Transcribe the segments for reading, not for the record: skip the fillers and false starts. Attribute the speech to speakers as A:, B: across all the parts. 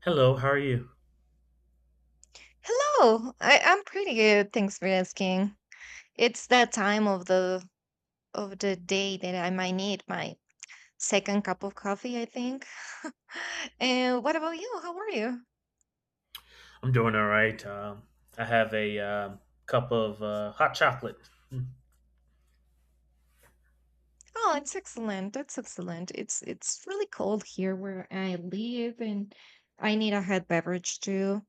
A: Hello, how are you?
B: Hello. I'm pretty good. Thanks for asking. It's that time of the day that I might need my second cup of coffee, I think. And what about you? How are you?
A: I'm doing all right. I have a cup of hot chocolate.
B: Oh, it's excellent. That's excellent. It's really cold here where I live, and I need a hot beverage too.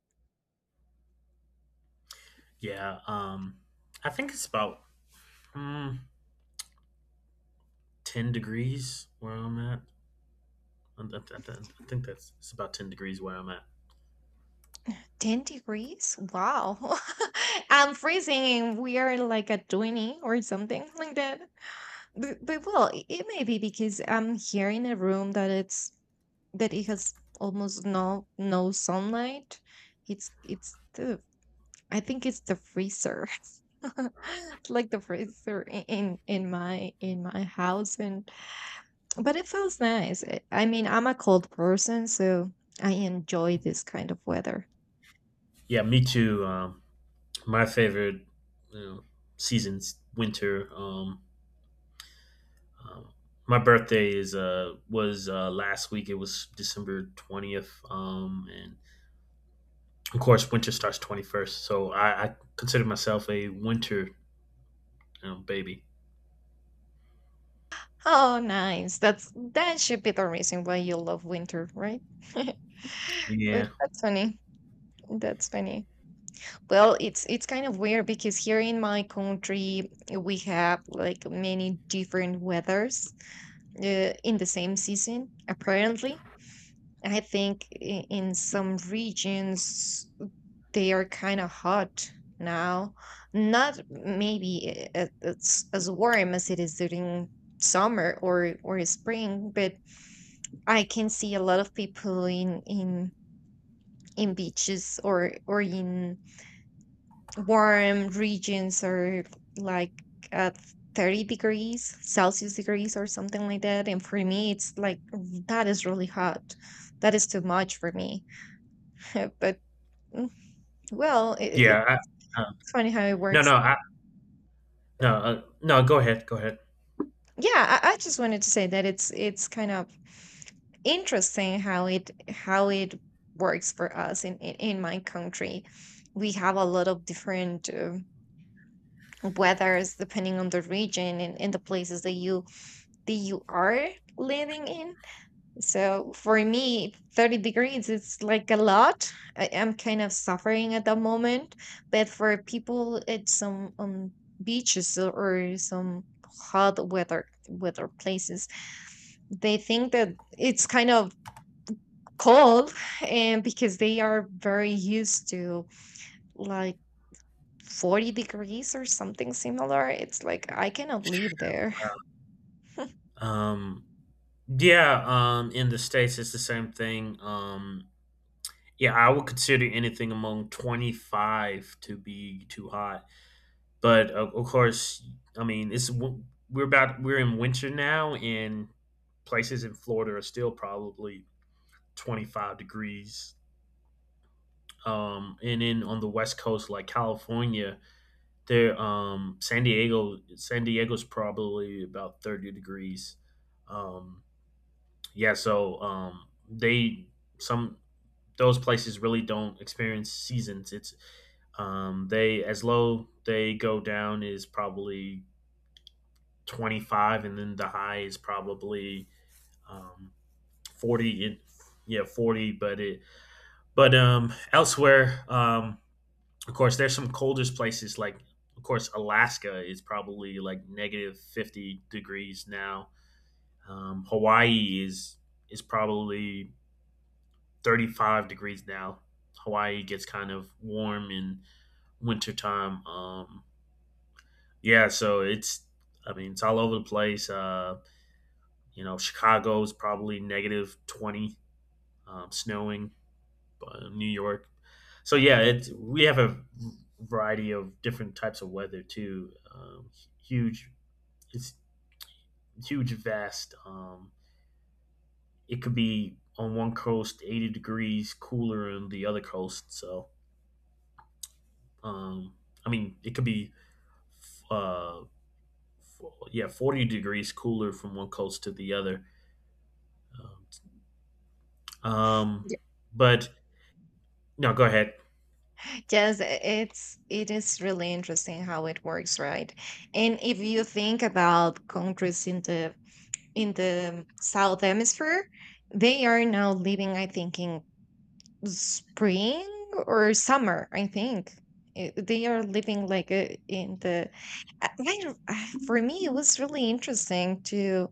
A: Yeah, I think it's about mm, 10 degrees where I'm at. I, I- I think that's it's about 10 degrees where I'm at.
B: 10 degrees? Wow. I'm freezing, and we are like at 20 or something like that. But well, it may be because I'm here in a room that it's that it has almost no sunlight. It's the I think it's the freezer. It's like the freezer in my house and but it feels nice. I mean, I'm a cold person, so I enjoy this kind of weather.
A: Yeah, me too. My favorite you know, season's winter. Um, my birthday is was last week. It was December 20th. And of course, winter starts 21st. So I consider myself a winter you baby.
B: Oh, nice. That's that should be the reason why you love winter, right? But
A: Yeah,
B: that's funny. That's funny. Well, it's kind of weird because here in my country we have like many different weathers in the same season. Apparently, I think in some regions they are kind of hot now. Not maybe it's as warm as it is during summer or spring, but I can see a lot of people in beaches or in warm regions are like at 30 degrees celsius degrees or something like that, and for me it's like, "Mm, that is really hot, that is too much for me." But mm, well
A: yeah. I, uh,
B: it's funny how it
A: no, no,
B: works.
A: no, no. Go ahead, go ahead.
B: Yeah, I just wanted to say that it's kind of interesting how it works for us in my country. We have a lot of different weathers depending on the region, and the places that you are living in. So for me, 30 degrees is like a lot. I am kind of suffering at the moment, but for people at some beaches or some hot weather places, they think that it's kind of cold, and because they are very used to like 40 degrees or something similar, it's like I cannot live there.
A: Uh, Um, yeah. In the states, it's the same thing. Yeah, I would consider anything among 25 to be too hot. But of course, I mean, it's w- we're about we're in winter now, and places in Florida are still probably 25 degrees. And then on the West Coast, like California. San Diego's probably about 30 degrees. Um, yeah, so they some those places really don't experience seasons. It's they as low they go down is probably 25, and then the high is probably um, 40. Yeah, 40, but it but elsewhere, of course, there's some coldest places like, of course, Alaska is probably like negative 50 degrees now. Hawaii is probably 35 degrees now. Hawaii gets kind of warm in wintertime. Yeah, so I mean, it's all over the place. Chicago's probably negative 20, snowing. New York. So yeah, it's we have a variety of different types of weather too. Huge, it's huge, vast. It could be on one coast 80 degrees cooler on the other coast. So um, I mean, it could be uh, f- yeah 40 degrees cooler from one coast to the other. Um, but no, go ahead.
B: Yes, it's it is really interesting how it works, right? And if you think about countries in the South Hemisphere, they are now living, I think, in spring or summer. I think they are living like in the. I don't- For me, it was really interesting to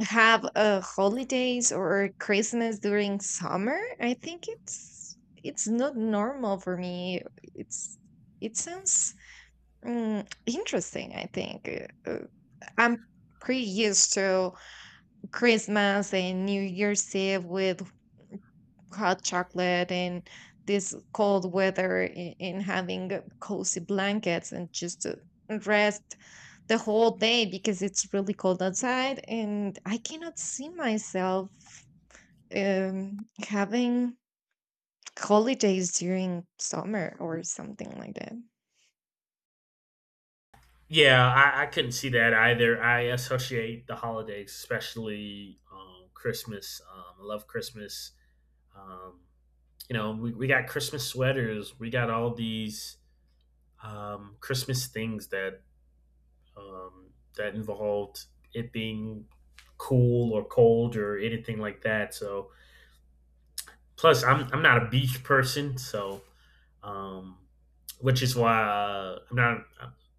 B: have a holidays or Christmas during summer. I think it's not normal for me. It's it sounds interesting. I think Uh, uh, I'm pretty used to Christmas and New Year's Eve with hot chocolate and this cold weather and having cozy blankets and just rest the whole day because it's really cold outside, and I cannot see myself having holidays during summer or something like that.
A: Yeah, I couldn't see that either. I associate the holidays, especially Christmas. I love Christmas. Um, we got Christmas sweaters. We got all these Christmas things um, that involved it being cool or cold or anything like that. Plus, I'm not a beach person, so um, which is why I'm not.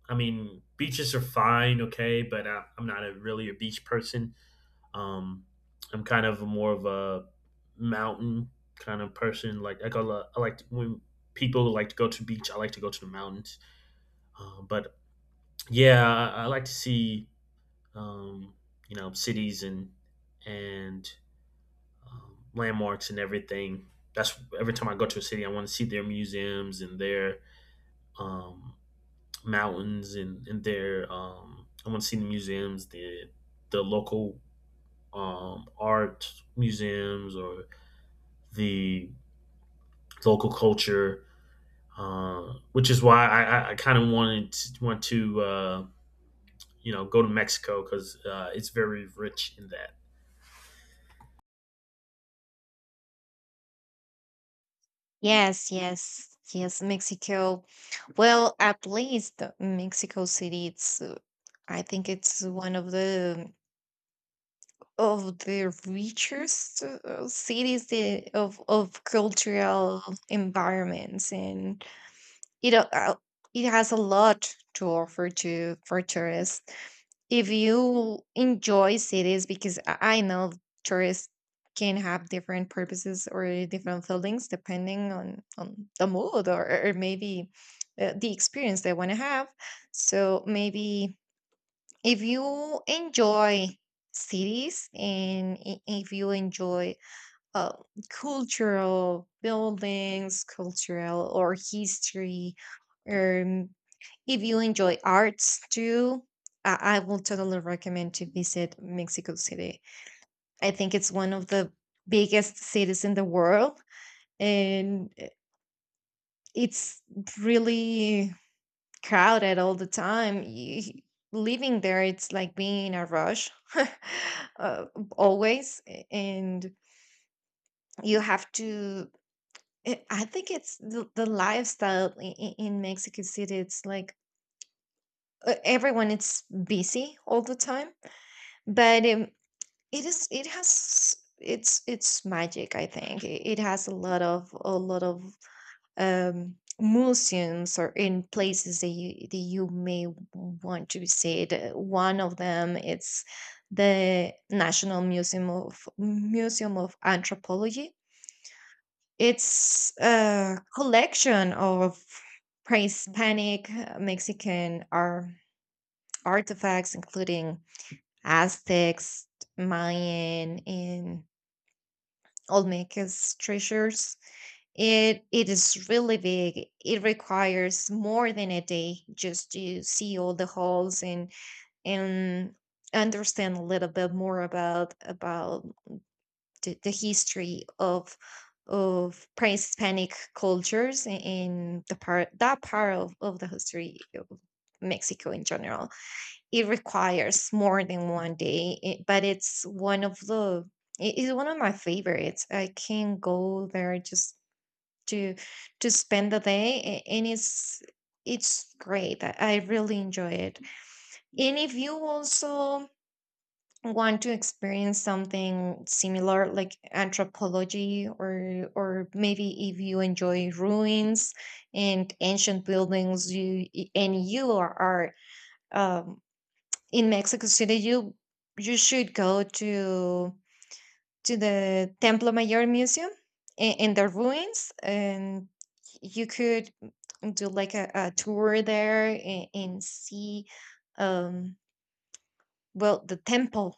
A: I mean, beaches are fine, okay, but I'm not a really a beach person. Um, I'm kind of more of a mountain kind of person. Like I like to, when people like to go to the beach. I like to go to the mountains. But yeah, I like to see um, cities and and landmarks and everything. That's every time I go to a city, I want to see their museums and their um, mountains and their I want to see the museums, the local art museums or the local culture, which is why I kind of want to go to Mexico because it's very rich in that.
B: Yes, yes, yes, Mexico. Well, at least Mexico City, it's I think it's one of the richest cities the- of cultural environments and you know it has a lot to offer to for tourists if you enjoy cities, because I know tourists can have different purposes or different feelings depending on the mood, or maybe the experience they want to have. So maybe if you enjoy cities and if you enjoy uh, cultural buildings cultural or history, um, if you enjoy arts too, I will totally recommend to visit Mexico City. I think it's one of the biggest cities in the world, and it's really crowded all the time. You- living there, it's like being in a rush, uh, always, and you have to. I think it's the lifestyle in Mexico City. It's like everyone it's busy all the time, but it is it has it's magic, I think. It has a lot of museums or in places that you may want to visit. One of them it's the National Museum of Anthropology. It's a collection of pre-Hispanic Mexican artifacts, including Aztecs, Mayan, and Olmec's treasures. It is really big. It requires more than a day just to see all the halls and understand a little bit more about the history of pre-Hispanic cultures in the part that part of the history of Mexico in general. It requires more than one day, it, but it's one of the it is one of my favorites. I can go there just to to spend the day, and it's great. I really enjoy it. And if you also want to experience something similar, like anthropology, or maybe if you enjoy ruins and ancient buildings, you and you are in Mexico City, you should go to the Templo Mayor Museum in the ruins, and you could do like a tour there and see, um, well, the temple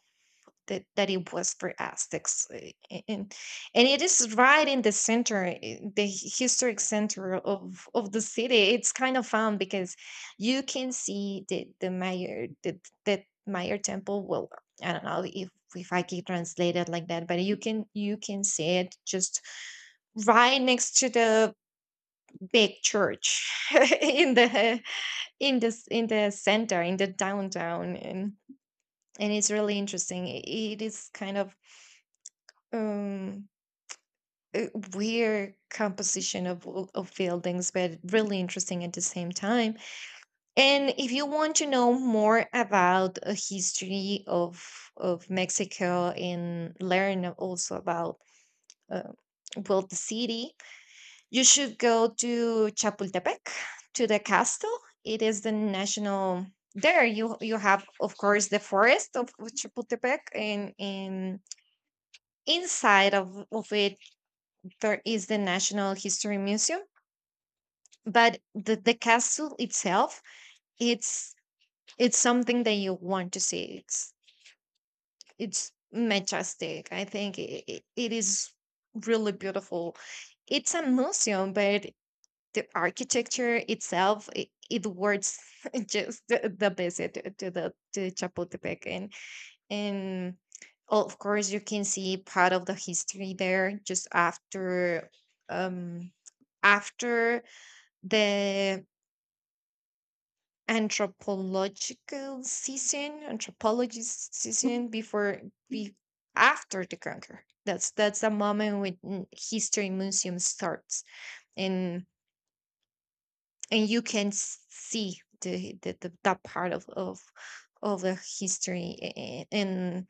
B: that it was for Aztecs, a- and and it is right in the center, the historic center of the city. It's kind of fun because you can see the Mayor Temple. Well, I don't know if I can translate it like that, but you can see it just right next to the big church in the in the in the center in the downtown, and it's really interesting. It is kind of um uh, weird composition of, of buildings, but really interesting at the same time. And if you want to know more about a history of Mexico and learn also about uh, well the city, you should go to Chapultepec to the castle. It is the national. There you you have of course the forest of Chapultepec, and inside of it there is the National History Museum, but the castle itself it's it's something that you want to see, it's majestic. I think it is really beautiful. It's a museum, but the architecture itself it worth just the visit to the to Chapultepec, and oh, of course you can see part of the history there just after um after the anthropological season anthropologist season before be after the conquer. That's the moment when history museum starts, and and you can see the that part of of the history and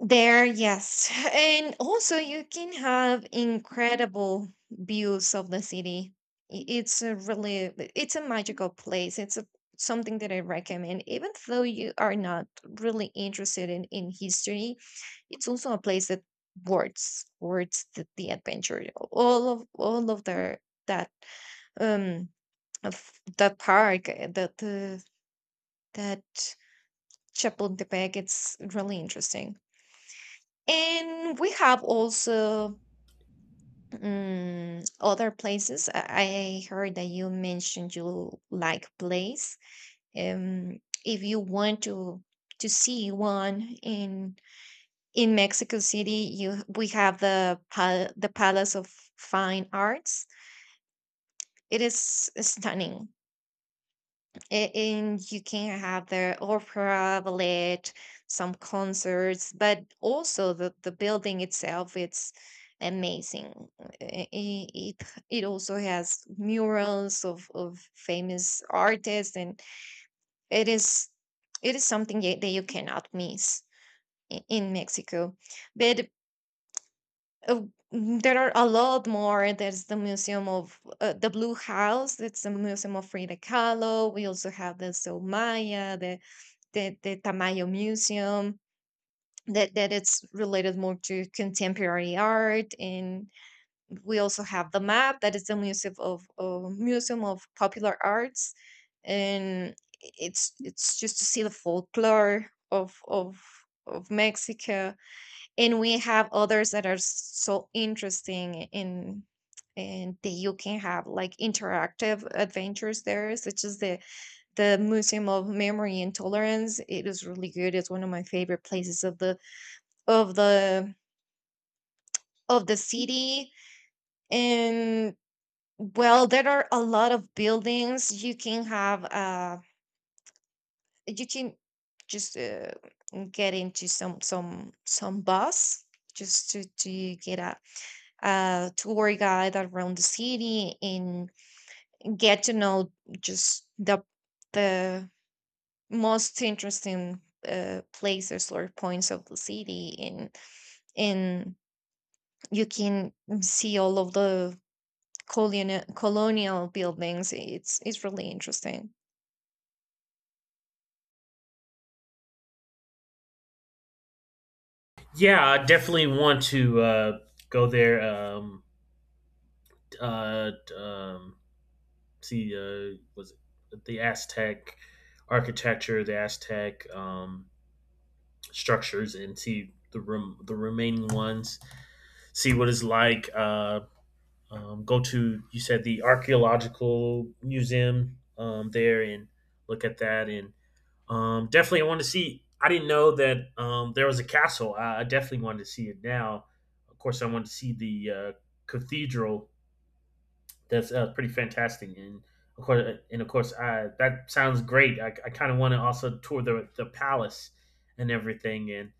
B: there, yes. And also, you can have incredible views of the city. It's a really, it's a magical place. It's a, something that I recommend. Even though you are not really interested in history, it's also a place that words the adventure. All all of their, that, um, of the park, that, that Chapultepec, it's really interesting. And we have also other places. I heard that you mentioned you like place. Um, if you want to see one in Mexico City, you we have the pal- the Palace of Fine Arts. It is stunning. And you can have the opera ballet some concerts, but also the building itself it's amazing. It it also has murals of famous artists, and it is it is something that you cannot miss in Mexico. But uh, there are a lot more. There's the Museum of the Blue House. That's the Museum of Frida Kahlo. We also have the Soumaya, the Tamayo Museum that it's related more to contemporary art, and we also have the map that is the museum of museum of popular arts, and it's just to see the folklore of Mexico. And we have others that are so interesting in and that you can have like interactive adventures there, such as the Museum of Memory and Tolerance. It is really good. It's one of my favorite places of the of the of the city. And well, there are a lot of buildings. You can have you can just get into some some bus just to get a tour guide around the city, and get to know just the most interesting places or points of the city in you can see all of the colonial buildings. It's really interesting.
A: Yeah, I definitely want to go there. Uh, um, See was it the Aztec architecture, the Aztec structures, and see the remaining ones. See what it's like. Go to you said the archaeological museum there and look at that. And definitely, I want to see. I didn't know that there was a castle. I definitely wanted to see it now. Of course, I wanted to see the cathedral that's pretty fantastic. And of course, that sounds great. I kind of want to also tour the palace and everything, and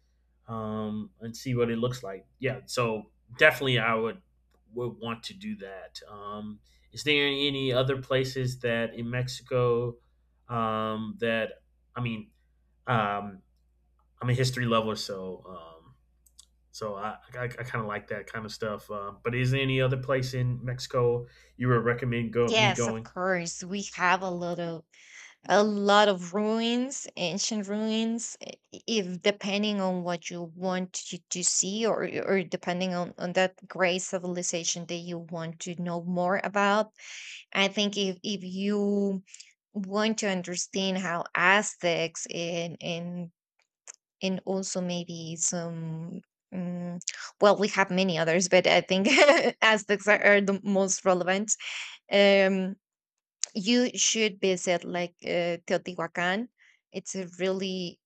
A: um, and see what it looks like. Yeah, so definitely, I would want to do that. Is there any other places that in Mexico, that I mean, um, I'm a history lover, so so I kind of like that kind of stuff. But is there any other place in Mexico you would recommend go me
B: Yes, of
A: going?
B: course, we have a lot of ruins, ancient ruins, if depending on what you want to see, or depending on that great civilization that you want to know more about. I think if you want to understand how Aztecs and and also maybe some um, well, we have many others, but I think Aztecs are the most relevant. Um you should visit like Teotihuacan. It's a really,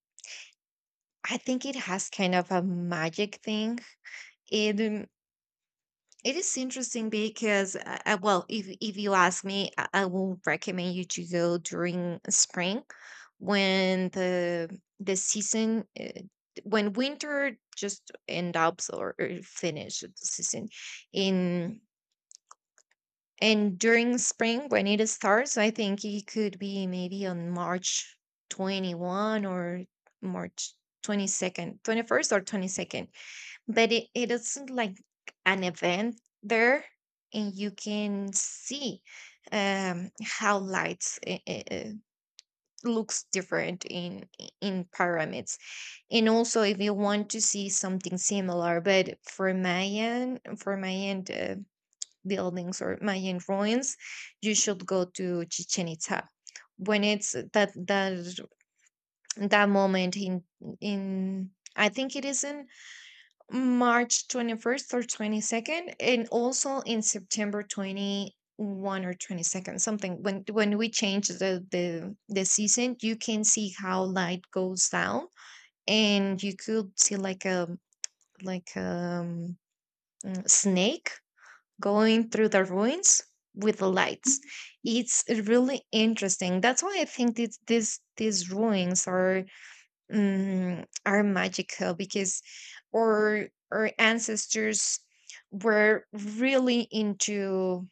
B: I think it has kind of a magic thing. It um, it is interesting because, well, if you ask me, I will recommend you to go during spring, when the season, when winter just end up or finish the season in. And during spring when it starts, I think it could be maybe on March 21 or March 22nd, 21st or 22nd. But it is like an event there, and you can see how lights looks different in pyramids. And also, if you want to see something similar, but for my end, for my end. Buildings or Mayan ruins, you should go to Chichen Itza. When it's that that moment in, I think it is in March 21st or 22nd, and also in September 21 or 22nd, something. When we change the season, you can see how light goes down, and you could see like a snake going through the ruins with the lights. It's really interesting. That's why I think that this these ruins are are magical because our ancestors were really into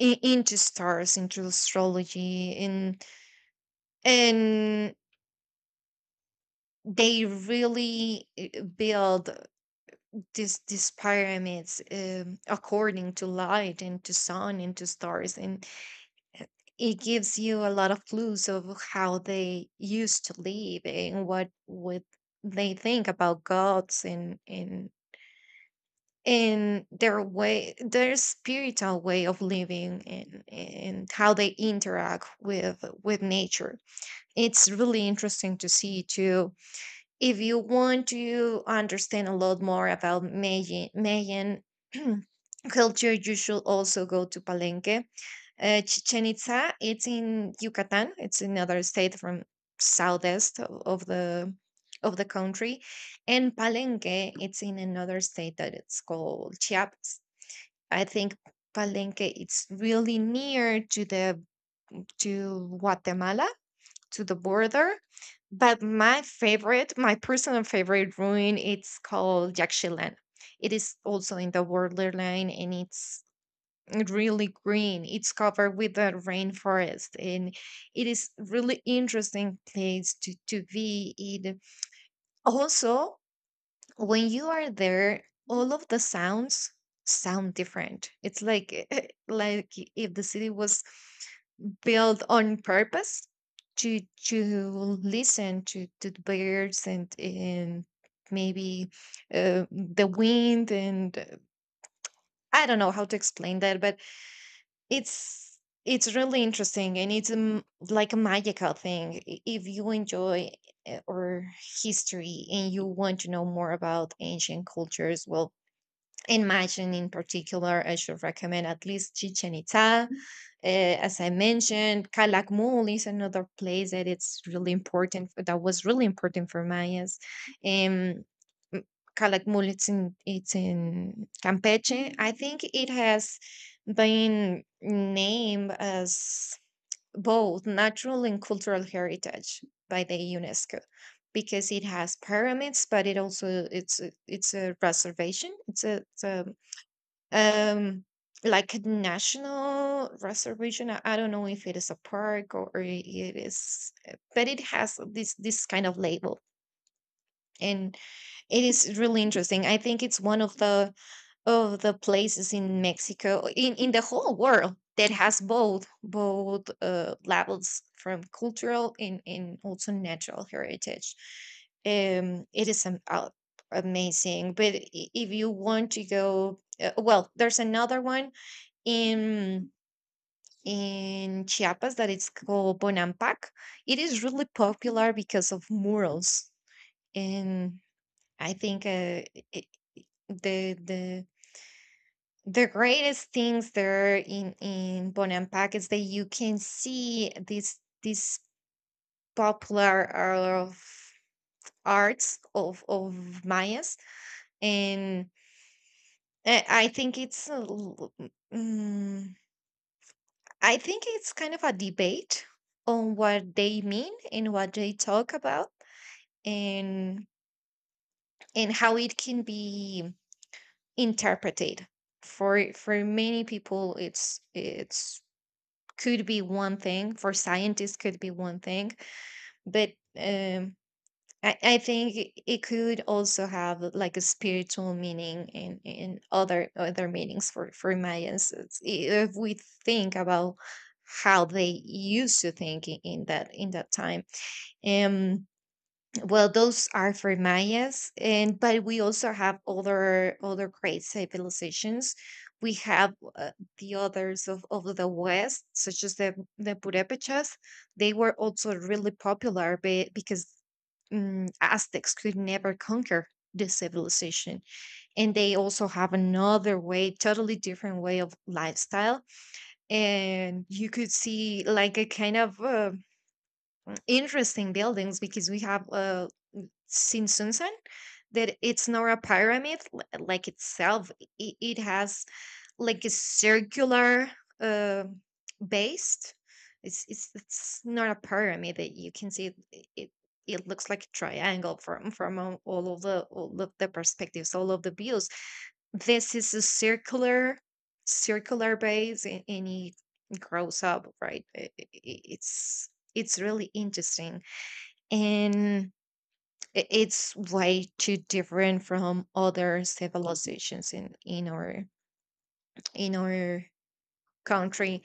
B: into stars, into astrology, and they really build these pyramids according to light and to sun and to stars. And it gives you a lot of clues of how they used to live and what would they think about gods and and their way, their spiritual way of living, and how they interact with nature. It's really interesting to see too. If you want to understand a lot more about Mayan culture, you should also go to Palenque. Chichen Itza, it's in Yucatan. It's another state from southeast of the country, and Palenque, it's in another state that it's called Chiapas. I think Palenque, it's really near to the to Guatemala, to the border. But my favorite, my personal favorite ruin, it's called Yaxchilan. It is also in the borderline, and it's really green. It's covered with a rainforest, and it is really interesting place to be in. Also, when you are there, all of the sound different. It's like like if the city was built on purpose to to listen to the birds and maybe the wind and I don't know how to explain that, but It's it's really interesting and it's like a magical thing. If you enjoy or history and you want to know more about ancient cultures, well, and Mayan in particular, I should recommend at least Chichen Itza, as I mentioned. Calakmul is another place that it's really important. That was really important for Mayas. Um, m- Calakmul, it's in Campeche. I think it has been named as both natural and cultural heritage by the UNESCO because it has pyramids, but it also it's it's a reservation. It's a um like a national reservation. I don't know if it is a park or it is eh, but it has this this kind of label, and it is really interesting. I think it's one of the places in Mexico, in the whole world, that has both both labels from cultural and also natural heritage. It is Amazing. But if you want to go, well, there's another one in in Chiapas that it's called Bonampak. It is really popular because of murals, and I think it, the the the greatest things there in Bonampak is that you can see this this popular of arts of Mayas. And I think it's mm, I think it's kind of a debate on what they mean and what they talk about, and and how it can be interpreted. For many people it's could be one thing, for scientists could be one thing, but um I think it it could also have like a spiritual meaning in other other meanings for Mayans. If we think about how they used to think in that time. Um, well, those are for Mayas, and but we also have other other great civilizations. We have the others of the West, such as the Purépechas. They were also really popular because Aztecs could never conquer this civilization, and they also have another way, totally different way of lifestyle. And you could see like a kind of interesting buildings because we have since Susan that it's not a pyramid like itself. It has like a circular uh, base. It's not a pyramid that you can see. It looks like a triangle from all of the perspectives, all of the views. This is a circular circular base, and it grows up. Right. It's it's really interesting, and it's way too different from other civilizations in our country.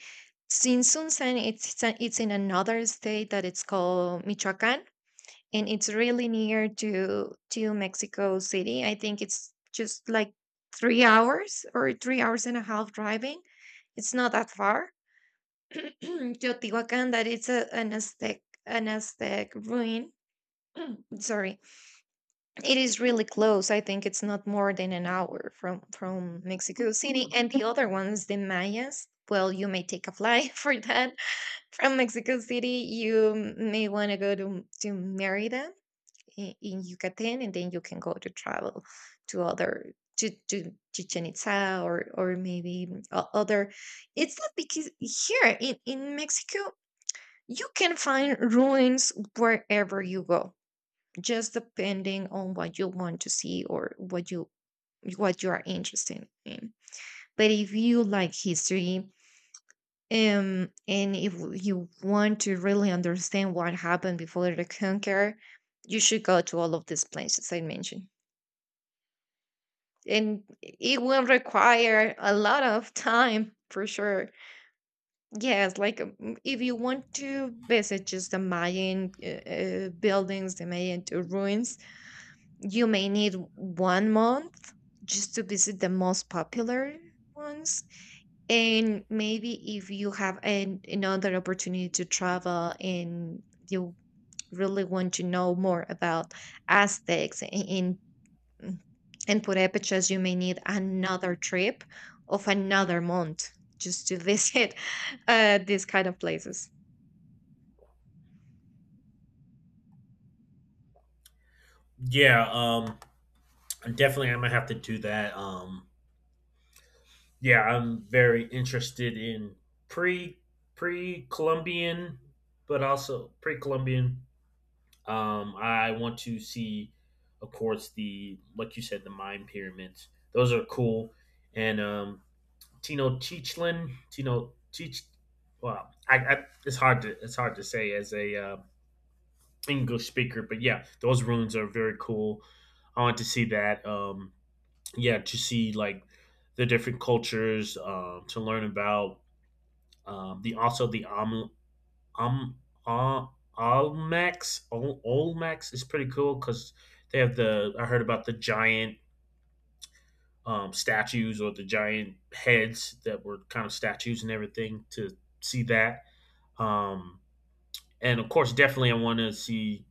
B: Since Sunsan, it's it's in another state that it's called Michoacan, and it's really near to Mexico City. I think it's just like 3 hours or 3 hours and a half driving. It's not that far. Teotihuacan, that it's an Aztec, an Aztec ruin. Sorry, it is really close. I think it's not more than an hour from Mexico City. And the other ones, the Mayas. Well, you may take a flight for that from Mexico City. You may want to go to Merida in Yucatan, and then you can go to travel to other to Chichen Itza or maybe other. It's not, because here in Mexico you can find ruins wherever you go, just depending on what you want to see or what you are interested in. But if you like history, and if you want to really understand what happened before the conquer, you should go to all of these places I mentioned, and it will require a lot of time for sure. Yes, like if you want to visit just the Mayan buildings, the Mayan ruins, you may need one month just to visit the most popular ones. And maybe if you have another opportunity to travel, and you really want to know more about Aztecs in and Purépechas, you may need another trip of another month just to visit these kind of places.
A: Yeah, definitely I'm gonna have to do that. Yeah, I'm very interested in pre pre Columbian, but also pre Columbian. I want to see, of course, the like you said, the Mayan pyramids. Those are cool. And Tino Teachlin, Tino Teach. Well, I it's hard to say as a English speaker, but yeah, those ruins are very cool. I want to see that. Yeah, to see like the different cultures, to learn about the also the um uh, Olmecs is pretty cool because they have the I heard about the giant statues or the giant heads that were kind of statues and everything to see that. um, and of course definitely I want to see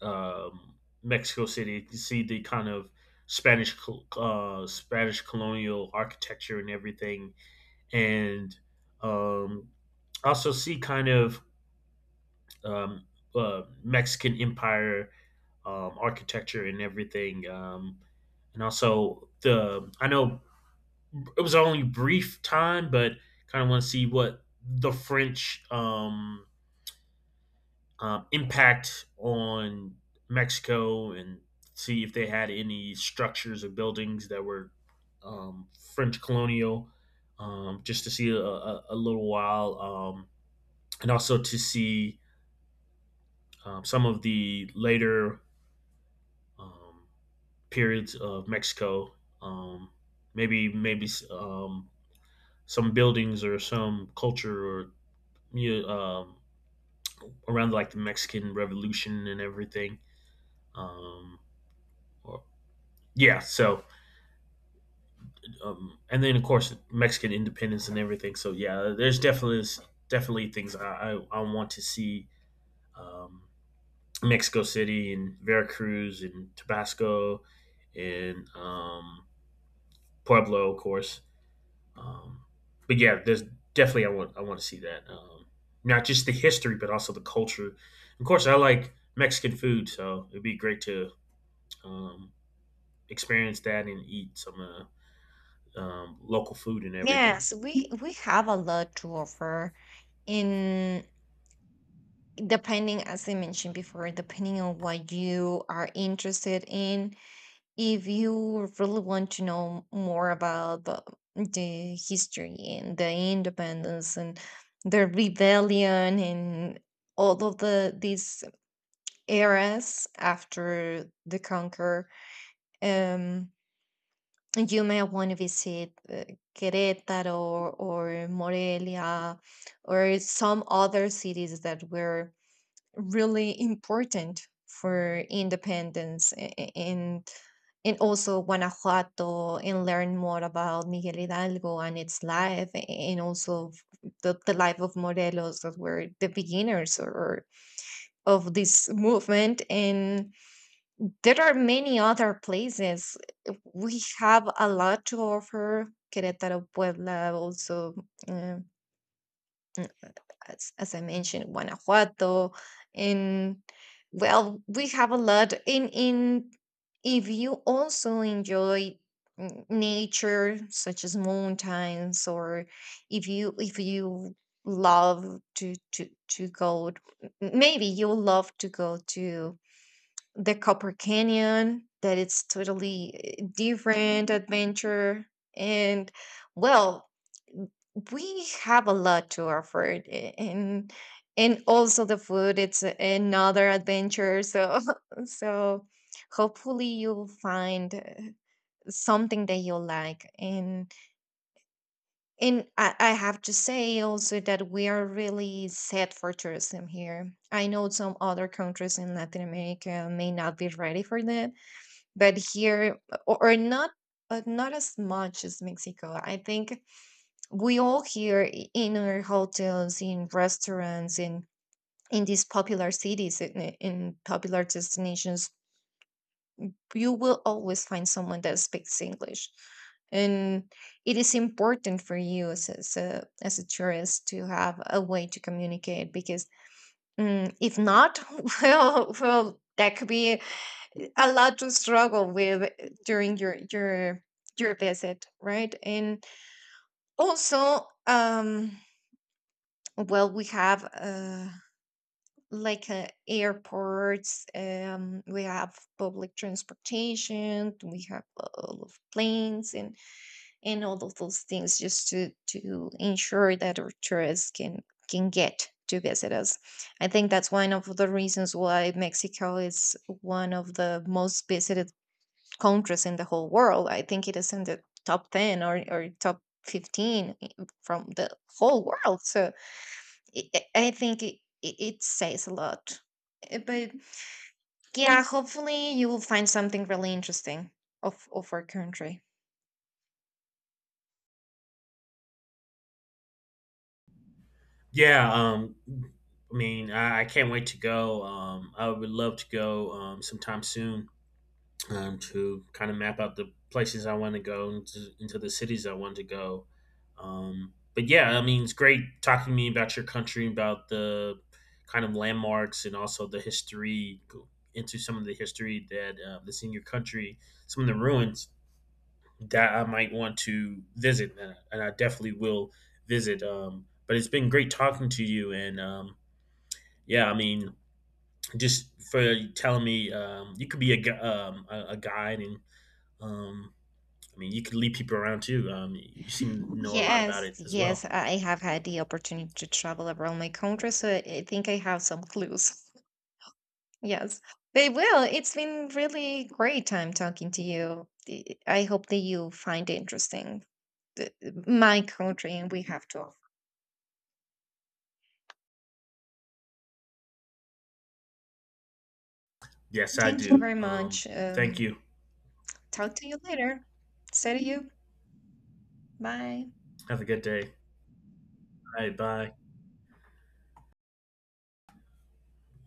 A: um, Mexico City to see the kind of Spanish colonial architecture and everything, and um, also see kind of um, Mexican Empire architecture and everything. And also the I know it was only brief time, but kind of want to see what the French impact on Mexico and see if they had any structures or buildings that were um, French colonial, just to see a little while. And also to see some of the later um, periods of Mexico. Um, Maybe some buildings or some culture, you know, um, around like the Mexican Revolution and everything. Um, or- yeah, so and then of course Mexican independence and everything. So yeah, there's definitely things I want to see, um, Mexico City and Veracruz and Tabasco, and Pueblo, of course. Um, but yeah, there's definitely I want to see that. Not just the history, but also the culture. Of course, I like Mexican food, so it'd be great to um, experience that and eat some local food and everything.
B: Yes, we have a lot to offer in, depending, as I mentioned before, depending on what you are interested in. If you really want to know more about the history and the independence and the rebellion and all of the these eras after the conquer, um, you may want to visit Querétaro or Morelia or some other cities that were really important for independence and also Guanajuato, and learn more about Miguel Hidalgo and its life, and also the life of Morelos, that were the beginners or of this movement. And there are many other places. We have a lot to offer. Querétaro, Puebla, also, uh, mm, as I mentioned, Guanajuato, and well, we have a lot. In, if you also enjoy nature, such as mountains, or if you love to to to go, maybe you love to go to the Copper Canyon, that it's totally different adventure. And well, we have a lot to offer it, and also the food, it's another adventure. So so hopefully you'll find something that you'll like. And I have to say also that we are really set for tourism here. I know some other countries in Latin America may not be ready for that, but here or not, but not as much as Mexico. I think we all here in our hotels, in restaurants, in these popular cities in popular destinations, you will always find someone that speaks English. And it is important for you as a tourist to have a way to communicate, because if not, well, well, that could be a lot to struggle with during your your visit, right? And also well, we have like airports, we have public transportation, we have all of planes and all of those things, just to ensure that our tourists can get to visit us. I think that's one of the reasons why Mexico is one of the most visited countries in the whole world. I think it is in the top 10, or top 15 from the whole world. So i I I think it it says a lot. But yeah, hopefully you will find something really interesting of our country.
A: Yeah, I mean, I can't wait to go. I would love to go sometime soon. To kind of map out the places I want to go into the cities I want to go. But yeah, I mean, it's great talking to me about your country, about the kind of landmarks and also the history, go into some of the history that's in your country, some of the ruins that I might want to visit, and I definitely will visit. But it's been great talking to you, and yeah, I mean, just for telling me you could be a guide, and um, I mean, you could lead people around too. You seem to know a lot about
B: Yes,
A: it as
B: yes,
A: well.
B: I have had the opportunity to travel around my country, so I think I have some clues. Yes. But well, it's been really great time talking to you. I hope that you find it interesting. the- my country and we have to offer.
A: Yes, I
B: Thank you
A: do.
B: very much.
A: Thank you.
B: Talk to you later. See you. Bye.
A: Have a good day. All right, bye.